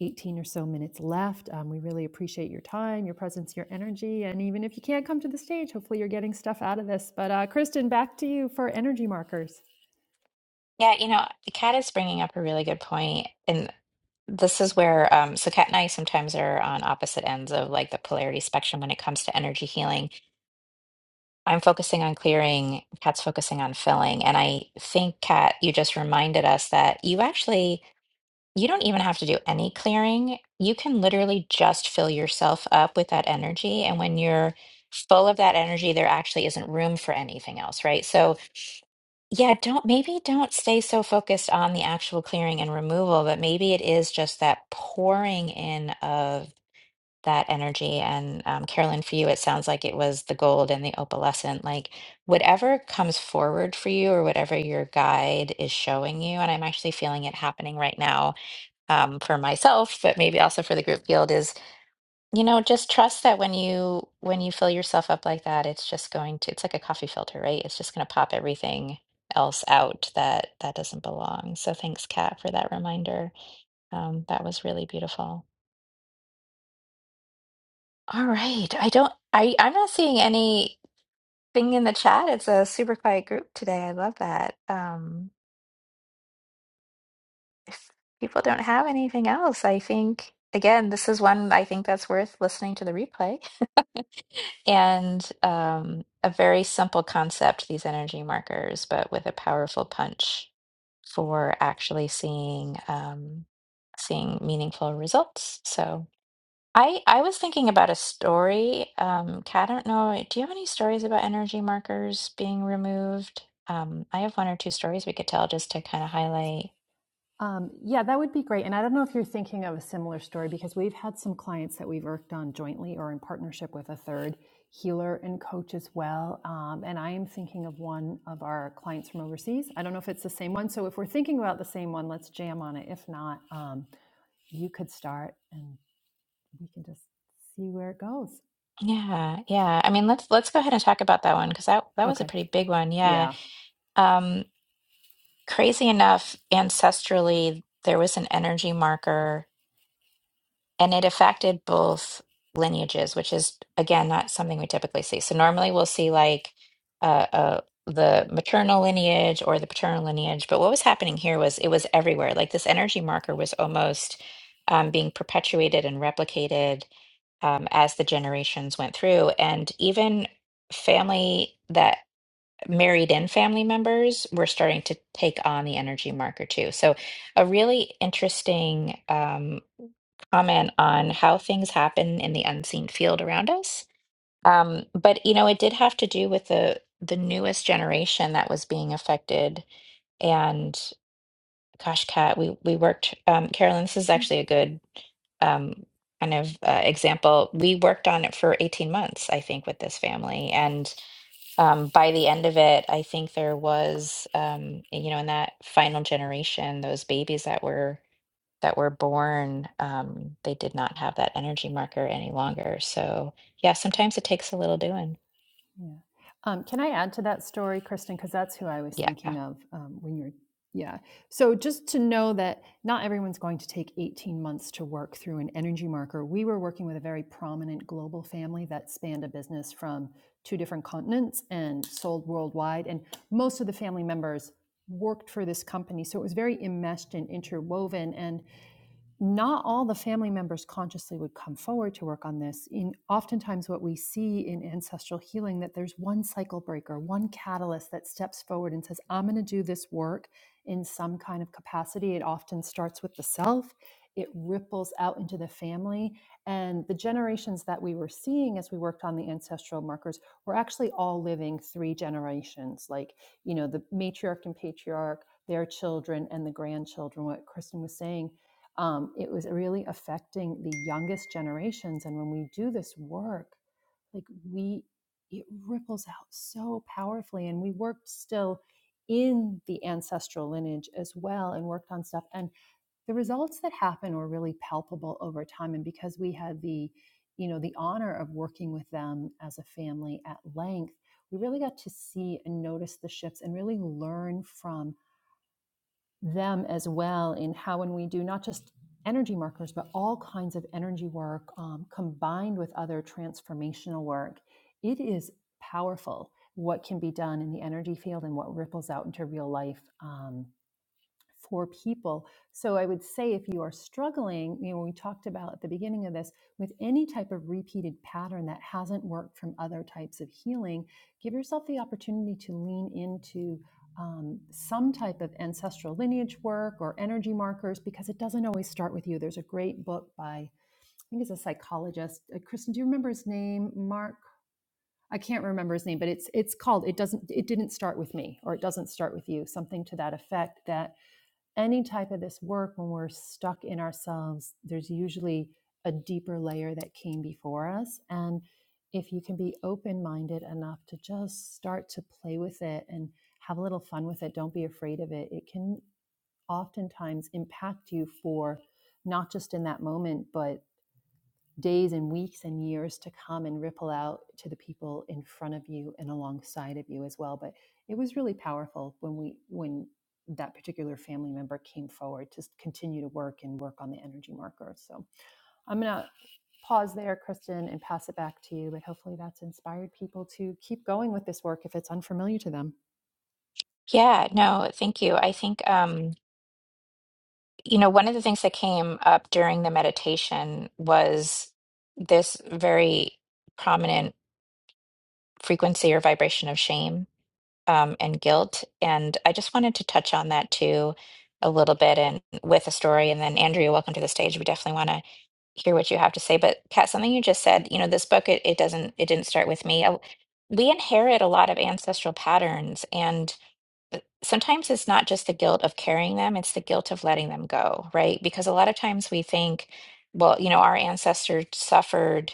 18 or so minutes left. Um, we really appreciate your time, your presence, your energy. And even if you can't come to the stage, hopefully you're getting stuff out of this. But uh, Kristen, back to you for energy markers. Yeah, you know, Kat is bringing up a really good point, and this is where um, so Kat and I sometimes are on opposite ends of like the polarity spectrum when it comes to energy healing I'm focusing on clearing, Kat's focusing on filling. And I think, Kat, you just reminded us that you actually you don't even have to do any clearing. You can literally just fill yourself up with that energy. And when you're full of that energy, there actually isn't room for anything else, right? So yeah, don't maybe don't stay so focused on the actual clearing and removal, but maybe it is just that pouring in of that energy. And um, Carolyn, for you, it sounds like it was the gold and the opalescent. Like whatever comes forward for you, or whatever your guide is showing you, and I'm actually feeling it happening right now um, for myself, but maybe also for the group field is you know just trust that when you when you fill yourself up like that, it's just going to it's like a coffee filter, right? It's just going to pop everything else out that that doesn't belong. So thanks, Kat, for that reminder. Um, that was really beautiful. All right. I don't I I'm not seeing anything in the chat. It's a super quiet group today. I love that. Um if people don't have anything else, I think again, this is one I think that's worth listening to the replay. And um a very simple concept, these energy markers, but with a powerful punch for actually seeing um seeing meaningful results. So I I was thinking about a story. Um, Kat, I don't know. Do you have any stories about energy markers being removed? Um, I have one or two stories we could tell just to kind of highlight. Um, yeah, that would be great. And I don't know if you're thinking of a similar story because we've had some clients that we've worked on jointly or in partnership with a third healer and coach as well. Um, and I am thinking of one of our clients from overseas. I don't know if it's the same one. So if we're thinking about the same one, let's jam on it. If not, um, you could start and we can just see where it goes. Yeah, yeah. I mean, let's let's go ahead and talk about that one because that that was a Okay. pretty big one. Yeah. Yeah. Um, crazy enough, ancestrally, there was an energy marker. and it affected both lineages, which is again not something we typically see. So normally we'll see like uh, uh, the maternal lineage or the paternal lineage, but what was happening here was it was everywhere. Like this energy marker was almost um, being perpetuated and replicated um, as the generations went through, and even family that married in family members were starting to take on the energy marker too. So, a really interesting um, comment on how things happen in the unseen field around us. Um, but you know, it did have to do with the the newest generation that was being affected. And gosh, Kat, we we worked. Um, Carolyn, this is actually a good um, kind of uh, example. We worked on it for 18 months, I think, with this family. And um, by the end of it, I think there was, um, you know, in that final generation, those babies that were that were born, um, they did not have that energy marker any longer. So yeah, sometimes it takes a little doing. Yeah. Um, can I add to that story, Kristen? Because that's who I was Yeah. thinking of um, when you're. Yeah. So just to know that not everyone's going to take 18 months to work through an energy marker. We were working with a very prominent global family that spanned a business from two different continents and sold worldwide. And most of the family members worked for this company. So it was very enmeshed and interwoven. And not all the family members consciously would come forward to work on this in oftentimes what we see in ancestral healing that there's one cycle breaker one catalyst that steps forward and says i'm going to do this work in some kind of capacity it often starts with the self it ripples out into the family and the generations that we were seeing as we worked on the ancestral markers were actually all living three generations like you know the matriarch and patriarch their children and the grandchildren what kristen was saying um, it was really affecting the youngest generations. And when we do this work, like we, it ripples out so powerfully. And we worked still in the ancestral lineage as well and worked on stuff. And the results that happen were really palpable over time. And because we had the, you know, the honor of working with them as a family at length, we really got to see and notice the shifts and really learn from them as well in how when we do not just energy markers but all kinds of energy work um, combined with other transformational work it is powerful what can be done in the energy field and what ripples out into real life um, for people. So I would say if you are struggling, you know, we talked about at the beginning of this with any type of repeated pattern that hasn't worked from other types of healing, give yourself the opportunity to lean into um, some type of ancestral lineage work or energy markers because it doesn't always start with you. There's a great book by I think it's a psychologist. Uh, Kristen, do you remember his name? Mark. I can't remember his name, but it's it's called it doesn't it didn't start with me or it doesn't start with you, something to that effect that any type of this work, when we're stuck in ourselves, there's usually a deeper layer that came before us. And if you can be open minded enough to just start to play with it and have a little fun with it, don't be afraid of it. It can oftentimes impact you for not just in that moment, but days and weeks and years to come and ripple out to the people in front of you and alongside of you as well but it was really powerful when we when that particular family member came forward to continue to work and work on the energy marker so i'm going to pause there kristen and pass it back to you but hopefully that's inspired people to keep going with this work if it's unfamiliar to them Yeah, no, thank you. I think, um, you know, one of the things that came up during the meditation was this very prominent frequency or vibration of shame um, and guilt. And I just wanted to touch on that too a little bit and with a story. And then, Andrea, welcome to the stage. We definitely want to hear what you have to say. But Kat, something you just said, you know, this book, it, it doesn't, it didn't start with me. I, we inherit a lot of ancestral patterns and sometimes it's not just the guilt of carrying them, it's the guilt of letting them go, right? Because a lot of times we think, well, you know, our ancestors suffered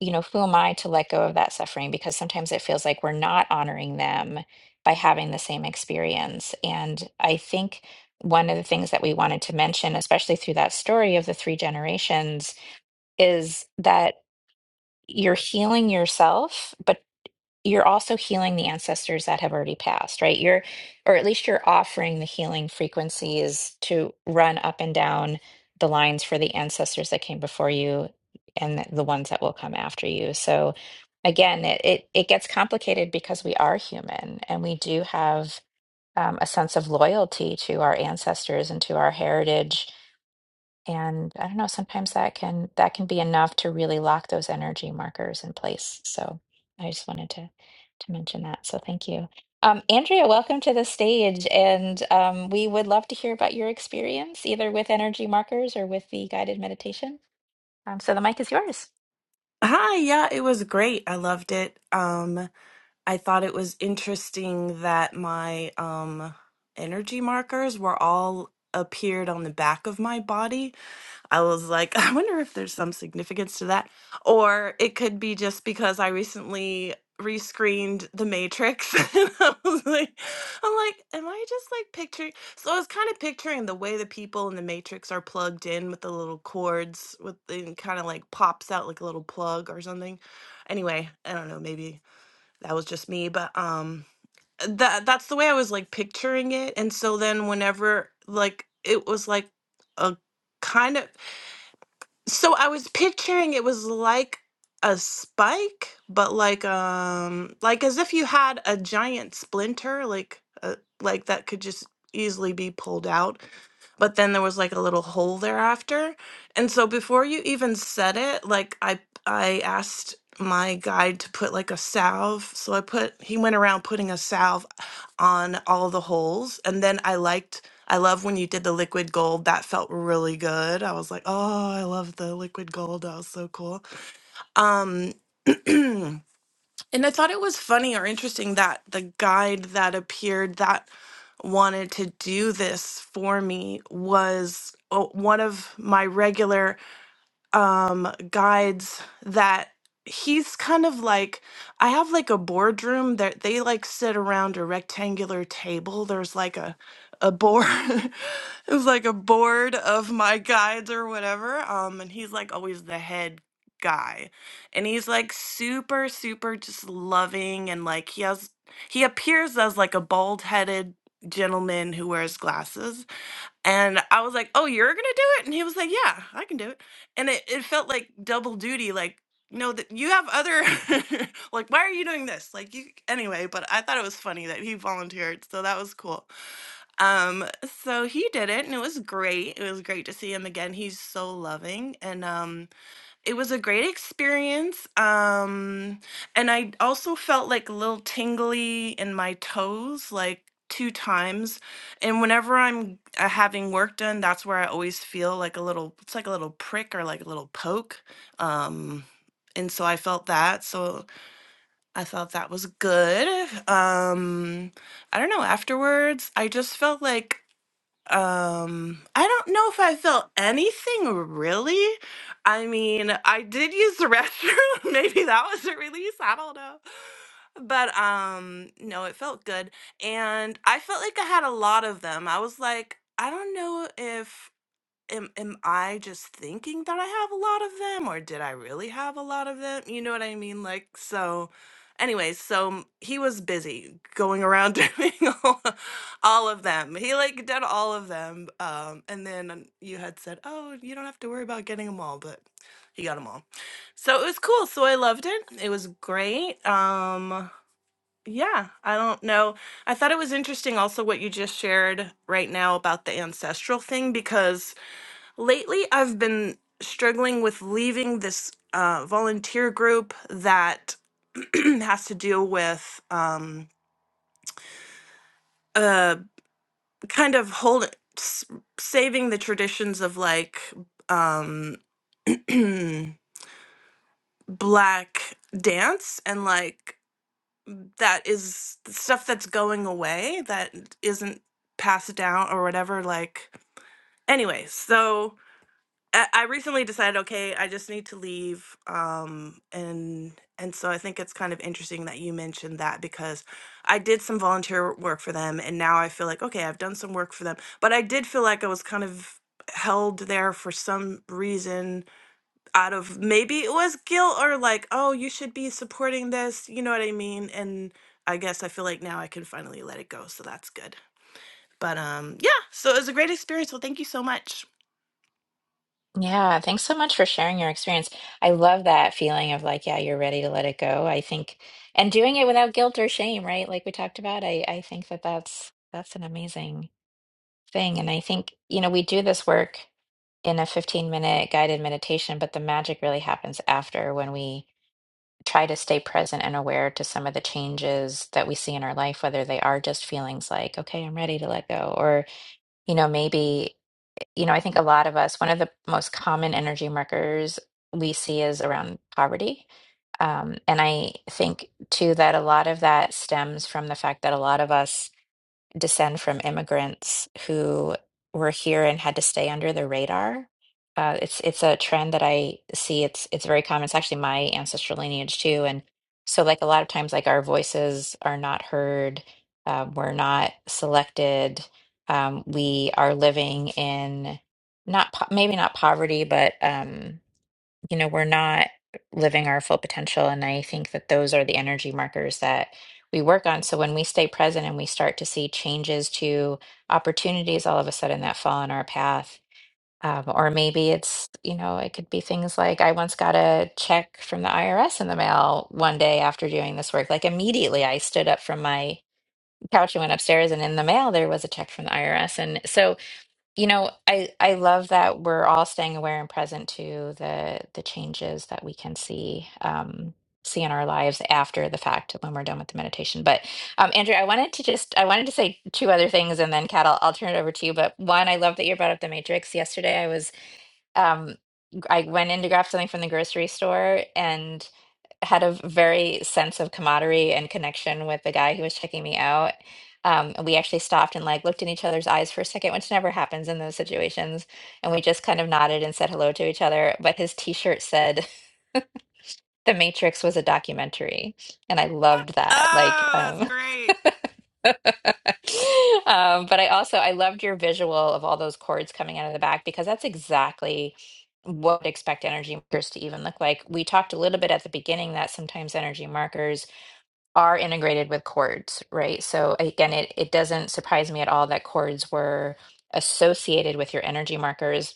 you know, who am I to let go of that suffering? Because sometimes it feels like we're not honoring them by having the same experience. And I think one of the things that we wanted to mention, especially through that story of the three generations, is that you're healing yourself, but you're also healing the ancestors that have already passed, right? You're, or at least you're offering the healing frequencies to run up and down the lines for the ancestors that came before you and the ones that will come after you. So again, it it, it gets complicated because we are human and we do have um, a sense of loyalty to our ancestors and to our heritage and I don't know, sometimes that can that can be enough to really lock those energy markers in place. So I just wanted to to mention that. So thank you. Um, Andrea, welcome to the stage, and um, we would love to hear about your experience, either with energy markers or with the guided meditation. Um, so the mic is yours. Hi, yeah, it was great. I loved it. Um, I thought it was interesting that my um energy markers were all appeared on the back of my body. I was like, I wonder if there's some significance to that. Or it could be just because I recently rescreened The Matrix. and I was like, I'm like, am I just like picturing? So I was kind of picturing the way the people in The Matrix are plugged in with the little cords, with and kind of like pops out like a little plug or something. Anyway, I don't know, maybe that was just me, but um that that's the way I was like picturing it. And so then whenever like it was like a kind of so I was picturing it was like a spike, but like um like as if you had a giant splinter, like uh, like that could just easily be pulled out but then there was like a little hole thereafter. And so before you even said it, like I I asked my guide to put like a salve. So I put he went around putting a salve on all the holes and then I liked I love when you did the liquid gold. That felt really good. I was like, "Oh, I love the liquid gold. That was so cool." Um And I thought it was funny or interesting that the guide that appeared that wanted to do this for me was uh, one of my regular um guides that he's kind of like I have like a boardroom that they like sit around a rectangular table. There's like a a board it was like a board of my guides or whatever. Um and he's like always the head guy. And he's like super super just loving and like he has he appears as like a bald-headed gentleman who wears glasses and I was like, "Oh, you're gonna do it?" And he was like, "Yeah, I can do it." And it, it felt like double duty, like no, that you have other, like why are you doing this? Like you anyway. But I thought it was funny that he volunteered, so that was cool. Um, so he did it, and it was great. It was great to see him again. He's so loving, and um. It was a great experience. Um, and I also felt like a little tingly in my toes, like two times. And whenever I'm uh, having work done, that's where I always feel like a little, it's like a little prick or like a little poke. Um, and so I felt that. So I thought that was good. Um, I don't know. Afterwards, I just felt like um, I don't know if I felt anything really. I mean, I did use the restroom. Maybe that was a release. I don't know. But um, no, it felt good. And I felt like I had a lot of them. I was like, I don't know if am am I just thinking that I have a lot of them or did I really have a lot of them? You know what I mean? Like so anyways, so m- he was busy going around doing all, all of them. He like did all of them. Um and then you had said, "Oh, you don't have to worry about getting them all," but he got them all. So it was cool. So I loved it. It was great. Um yeah, I don't know. I thought it was interesting also what you just shared right now about the ancestral thing because Lately, I've been struggling with leaving this uh, volunteer group that has to deal with um, uh, kind of hold s- saving the traditions of like um, black dance and like that is stuff that's going away that isn't passed down or whatever. Like, anyway, so. I I recently decided, okay, I just need to leave. Um, and and so I think it's kind of interesting that you mentioned that because I did some volunteer work for them, and now I feel like, okay, I've done some work for them, but I did feel like I was kind of held there for some reason out of maybe it was guilt or like, oh, you should be supporting this, you know what I mean? And I guess I feel like now I can finally let it go, so that's good. But um, yeah, so it was a great experience. Well, thank you so much. Yeah, thanks so much for sharing your experience. I love that feeling of like, yeah, you're ready to let it go. I think, and doing it without guilt or shame, right? Like we talked about, I I think that that's that's an amazing thing. And I think, you know, we do this work in a 15 minute guided meditation, but the magic really happens after when we try to stay present and aware to some of the changes that we see in our life, whether they are just feelings like, okay, I'm ready to let go, or, you know, maybe, you know, I think a lot of us, one of the most common energy markers we see is around poverty. Um, and I think too that a lot of that stems from the fact that a lot of us descend from immigrants who were here and had to stay under the radar. Uh, it's it's a trend that I see. It's it's very common. It's actually my ancestral lineage too. And so, like a lot of times, like our voices are not heard. Uh, we're not selected. Um, we are living in not po- maybe not poverty, but um, you know, we're not living our full potential. And I think that those are the energy markers that we work on. So when we stay present and we start to see changes to opportunities all of a sudden that fall in our path, um, or maybe it's, you know, it could be things like I once got a check from the IRS in the mail one day after doing this work. Like immediately I stood up from my couch and went upstairs, and in the mail there was a check from the IRS. And so you know, I I love that we're all staying aware and present to the the changes that we can see um see in our lives after the fact when we're done with the meditation. But um Andrew, I wanted to just I wanted to say two other things and then Kat, I'll, I'll turn it over to you. But one, I love that you brought up the Matrix. Yesterday I was um I went in to grab something from the grocery store and had a very sense of camaraderie and connection with the guy who was checking me out. Um, and we actually stopped and like looked in each other's eyes for a second, which never happens in those situations. And we just kind of nodded and said hello to each other. But his t-shirt said The Matrix was a documentary, and I loved that. Like, Oh, that's um, great. Um, but I also I loved your visual of all those cords coming out of the back because that's exactly what I'd expect energy markers to even look like. We talked a little bit at the beginning that sometimes energy markers are integrated with cords, right? So again, it it doesn't surprise me at all that cords were associated with your energy markers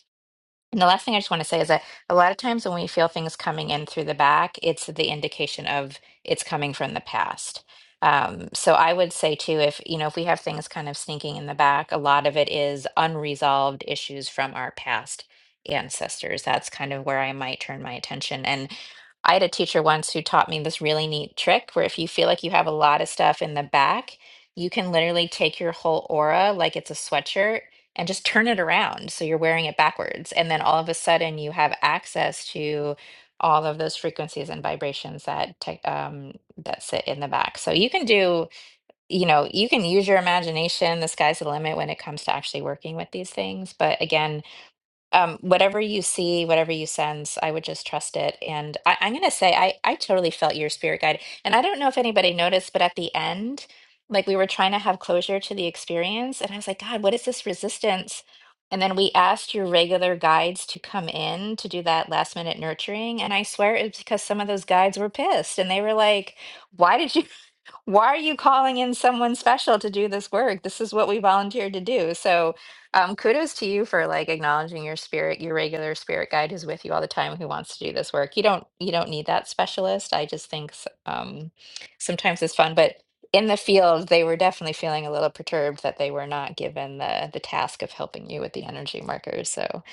and the last thing I just want to say is that a lot of times when we feel things coming in through the back, it's the indication of it's coming from the past. Um, so I would say too, if you know, if we have things kind of sneaking in the back, a lot of it is unresolved issues from our past ancestors. That's kind of where I might turn my attention. And I had a teacher once who taught me this really neat trick where if you feel like you have a lot of stuff in the back, you can literally take your whole aura like it's a sweatshirt and just turn it around so you're wearing it backwards and then all of a sudden you have access to all of those frequencies and vibrations that tech- um, that sit in the back so you can do you know you can use your imagination the sky's the limit when it comes to actually working with these things but again um, whatever you see, whatever you sense, I would just trust it. And I, I'm going to say, I, I totally felt your spirit guide. And I don't know if anybody noticed, but at the end, like we were trying to have closure to the experience. And I was like, God, what is this resistance? And then we asked your regular guides to come in to do that last minute nurturing. And I swear it's because some of those guides were pissed and they were like, why did you? Why are you calling in someone special to do this work? This is what we volunteered to do. So, um, kudos to you for like acknowledging your spirit, your regular spirit guide who's with you all the time, who wants to do this work. You don't, you don't need that specialist. I just think s- um, sometimes it's fun, but in the field, they were definitely feeling a little perturbed that they were not given the the task of helping you with the energy markers. So,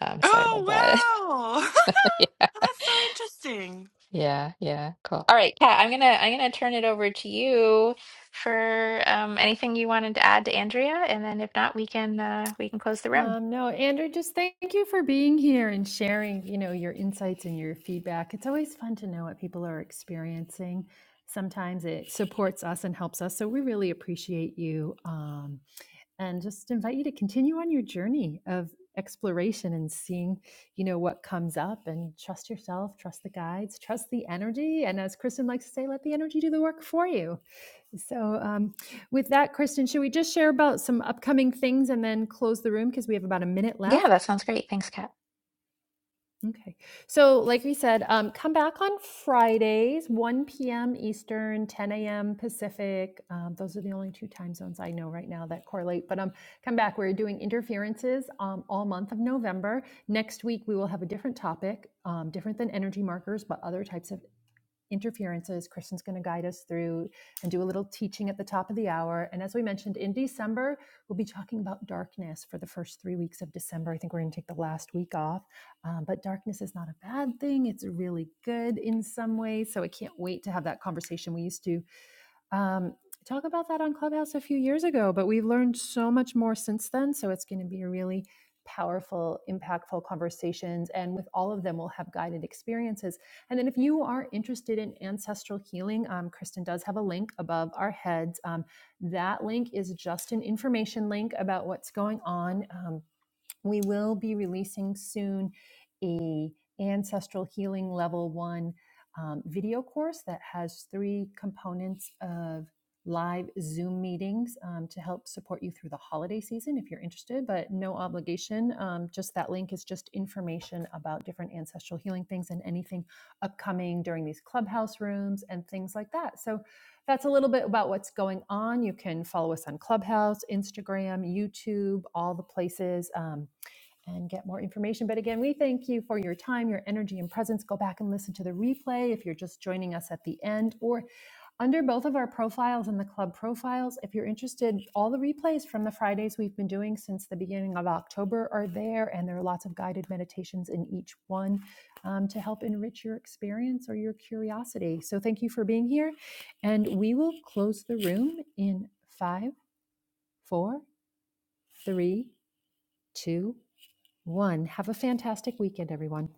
um, so I love that. Oh wow, that's so interesting. Yeah, yeah, cool. All right, Kat, I'm gonna I'm gonna turn it over to you for um, anything you wanted to add to Andrea, and then if not, we can uh, we can close the room. Um, no, Andrew, just thank you for being here and sharing, you know, your insights and your feedback. It's always fun to know what people are experiencing. Sometimes it supports us and helps us. So we really appreciate you. Um, and just invite you to continue on your journey of exploration and seeing you know what comes up and trust yourself trust the guides trust the energy and as kristen likes to say let the energy do the work for you so um, with that kristen should we just share about some upcoming things and then close the room because we have about a minute Yeah, left that sounds great. Thanks, Kat. Okay. So, like we said, um, come back on Fridays, 1 p.m. Eastern, 10 a.m. Pacific. Um, those are the only two time zones I know right now that correlate. But um, come back. We're doing interferences um, all month of November. Next week, we will have a different topic, um, different than energy markers, but other types of interferences. Kristen's going to guide us through and do a little teaching at the top of the hour. And as we mentioned, in December, we'll be talking about darkness for the first three weeks of December. I think we're going to take the last week off. Um, but darkness is not a bad thing, it's really good in some ways. So I can't wait to have that conversation. We used to um, talk about that on Clubhouse a few years ago, but we've learned so much more since then. So it's going to be a really powerful, impactful conversations. And with all of them, we'll have guided experiences. And then if you are interested in ancestral healing, um, Kristen does have a link above our heads. Um, that link is just an information link about what's going on. Um, we will be releasing soon a ancestral healing level one um, video course that has three components of live zoom meetings um, to help support you through the holiday season if you're interested but no obligation um, just that link is just information about different ancestral healing things and anything upcoming during these clubhouse rooms and things like that so that's a little bit about what's going on. You can follow us on Clubhouse, Instagram, YouTube, all the places. Um, and get more information. But again, we thank you for your time, your energy, and presence. Go back and listen to the replay if you're just joining us at the end or under both of our profiles and the club profiles. If you're interested, all the replays from the Fridays we've been doing since the beginning of October are there, and there are lots of guided meditations in each one um, to help enrich your experience or your curiosity. So thank you for being here. And we will close the room in five, four, three, two, one. Have a fantastic weekend, everyone.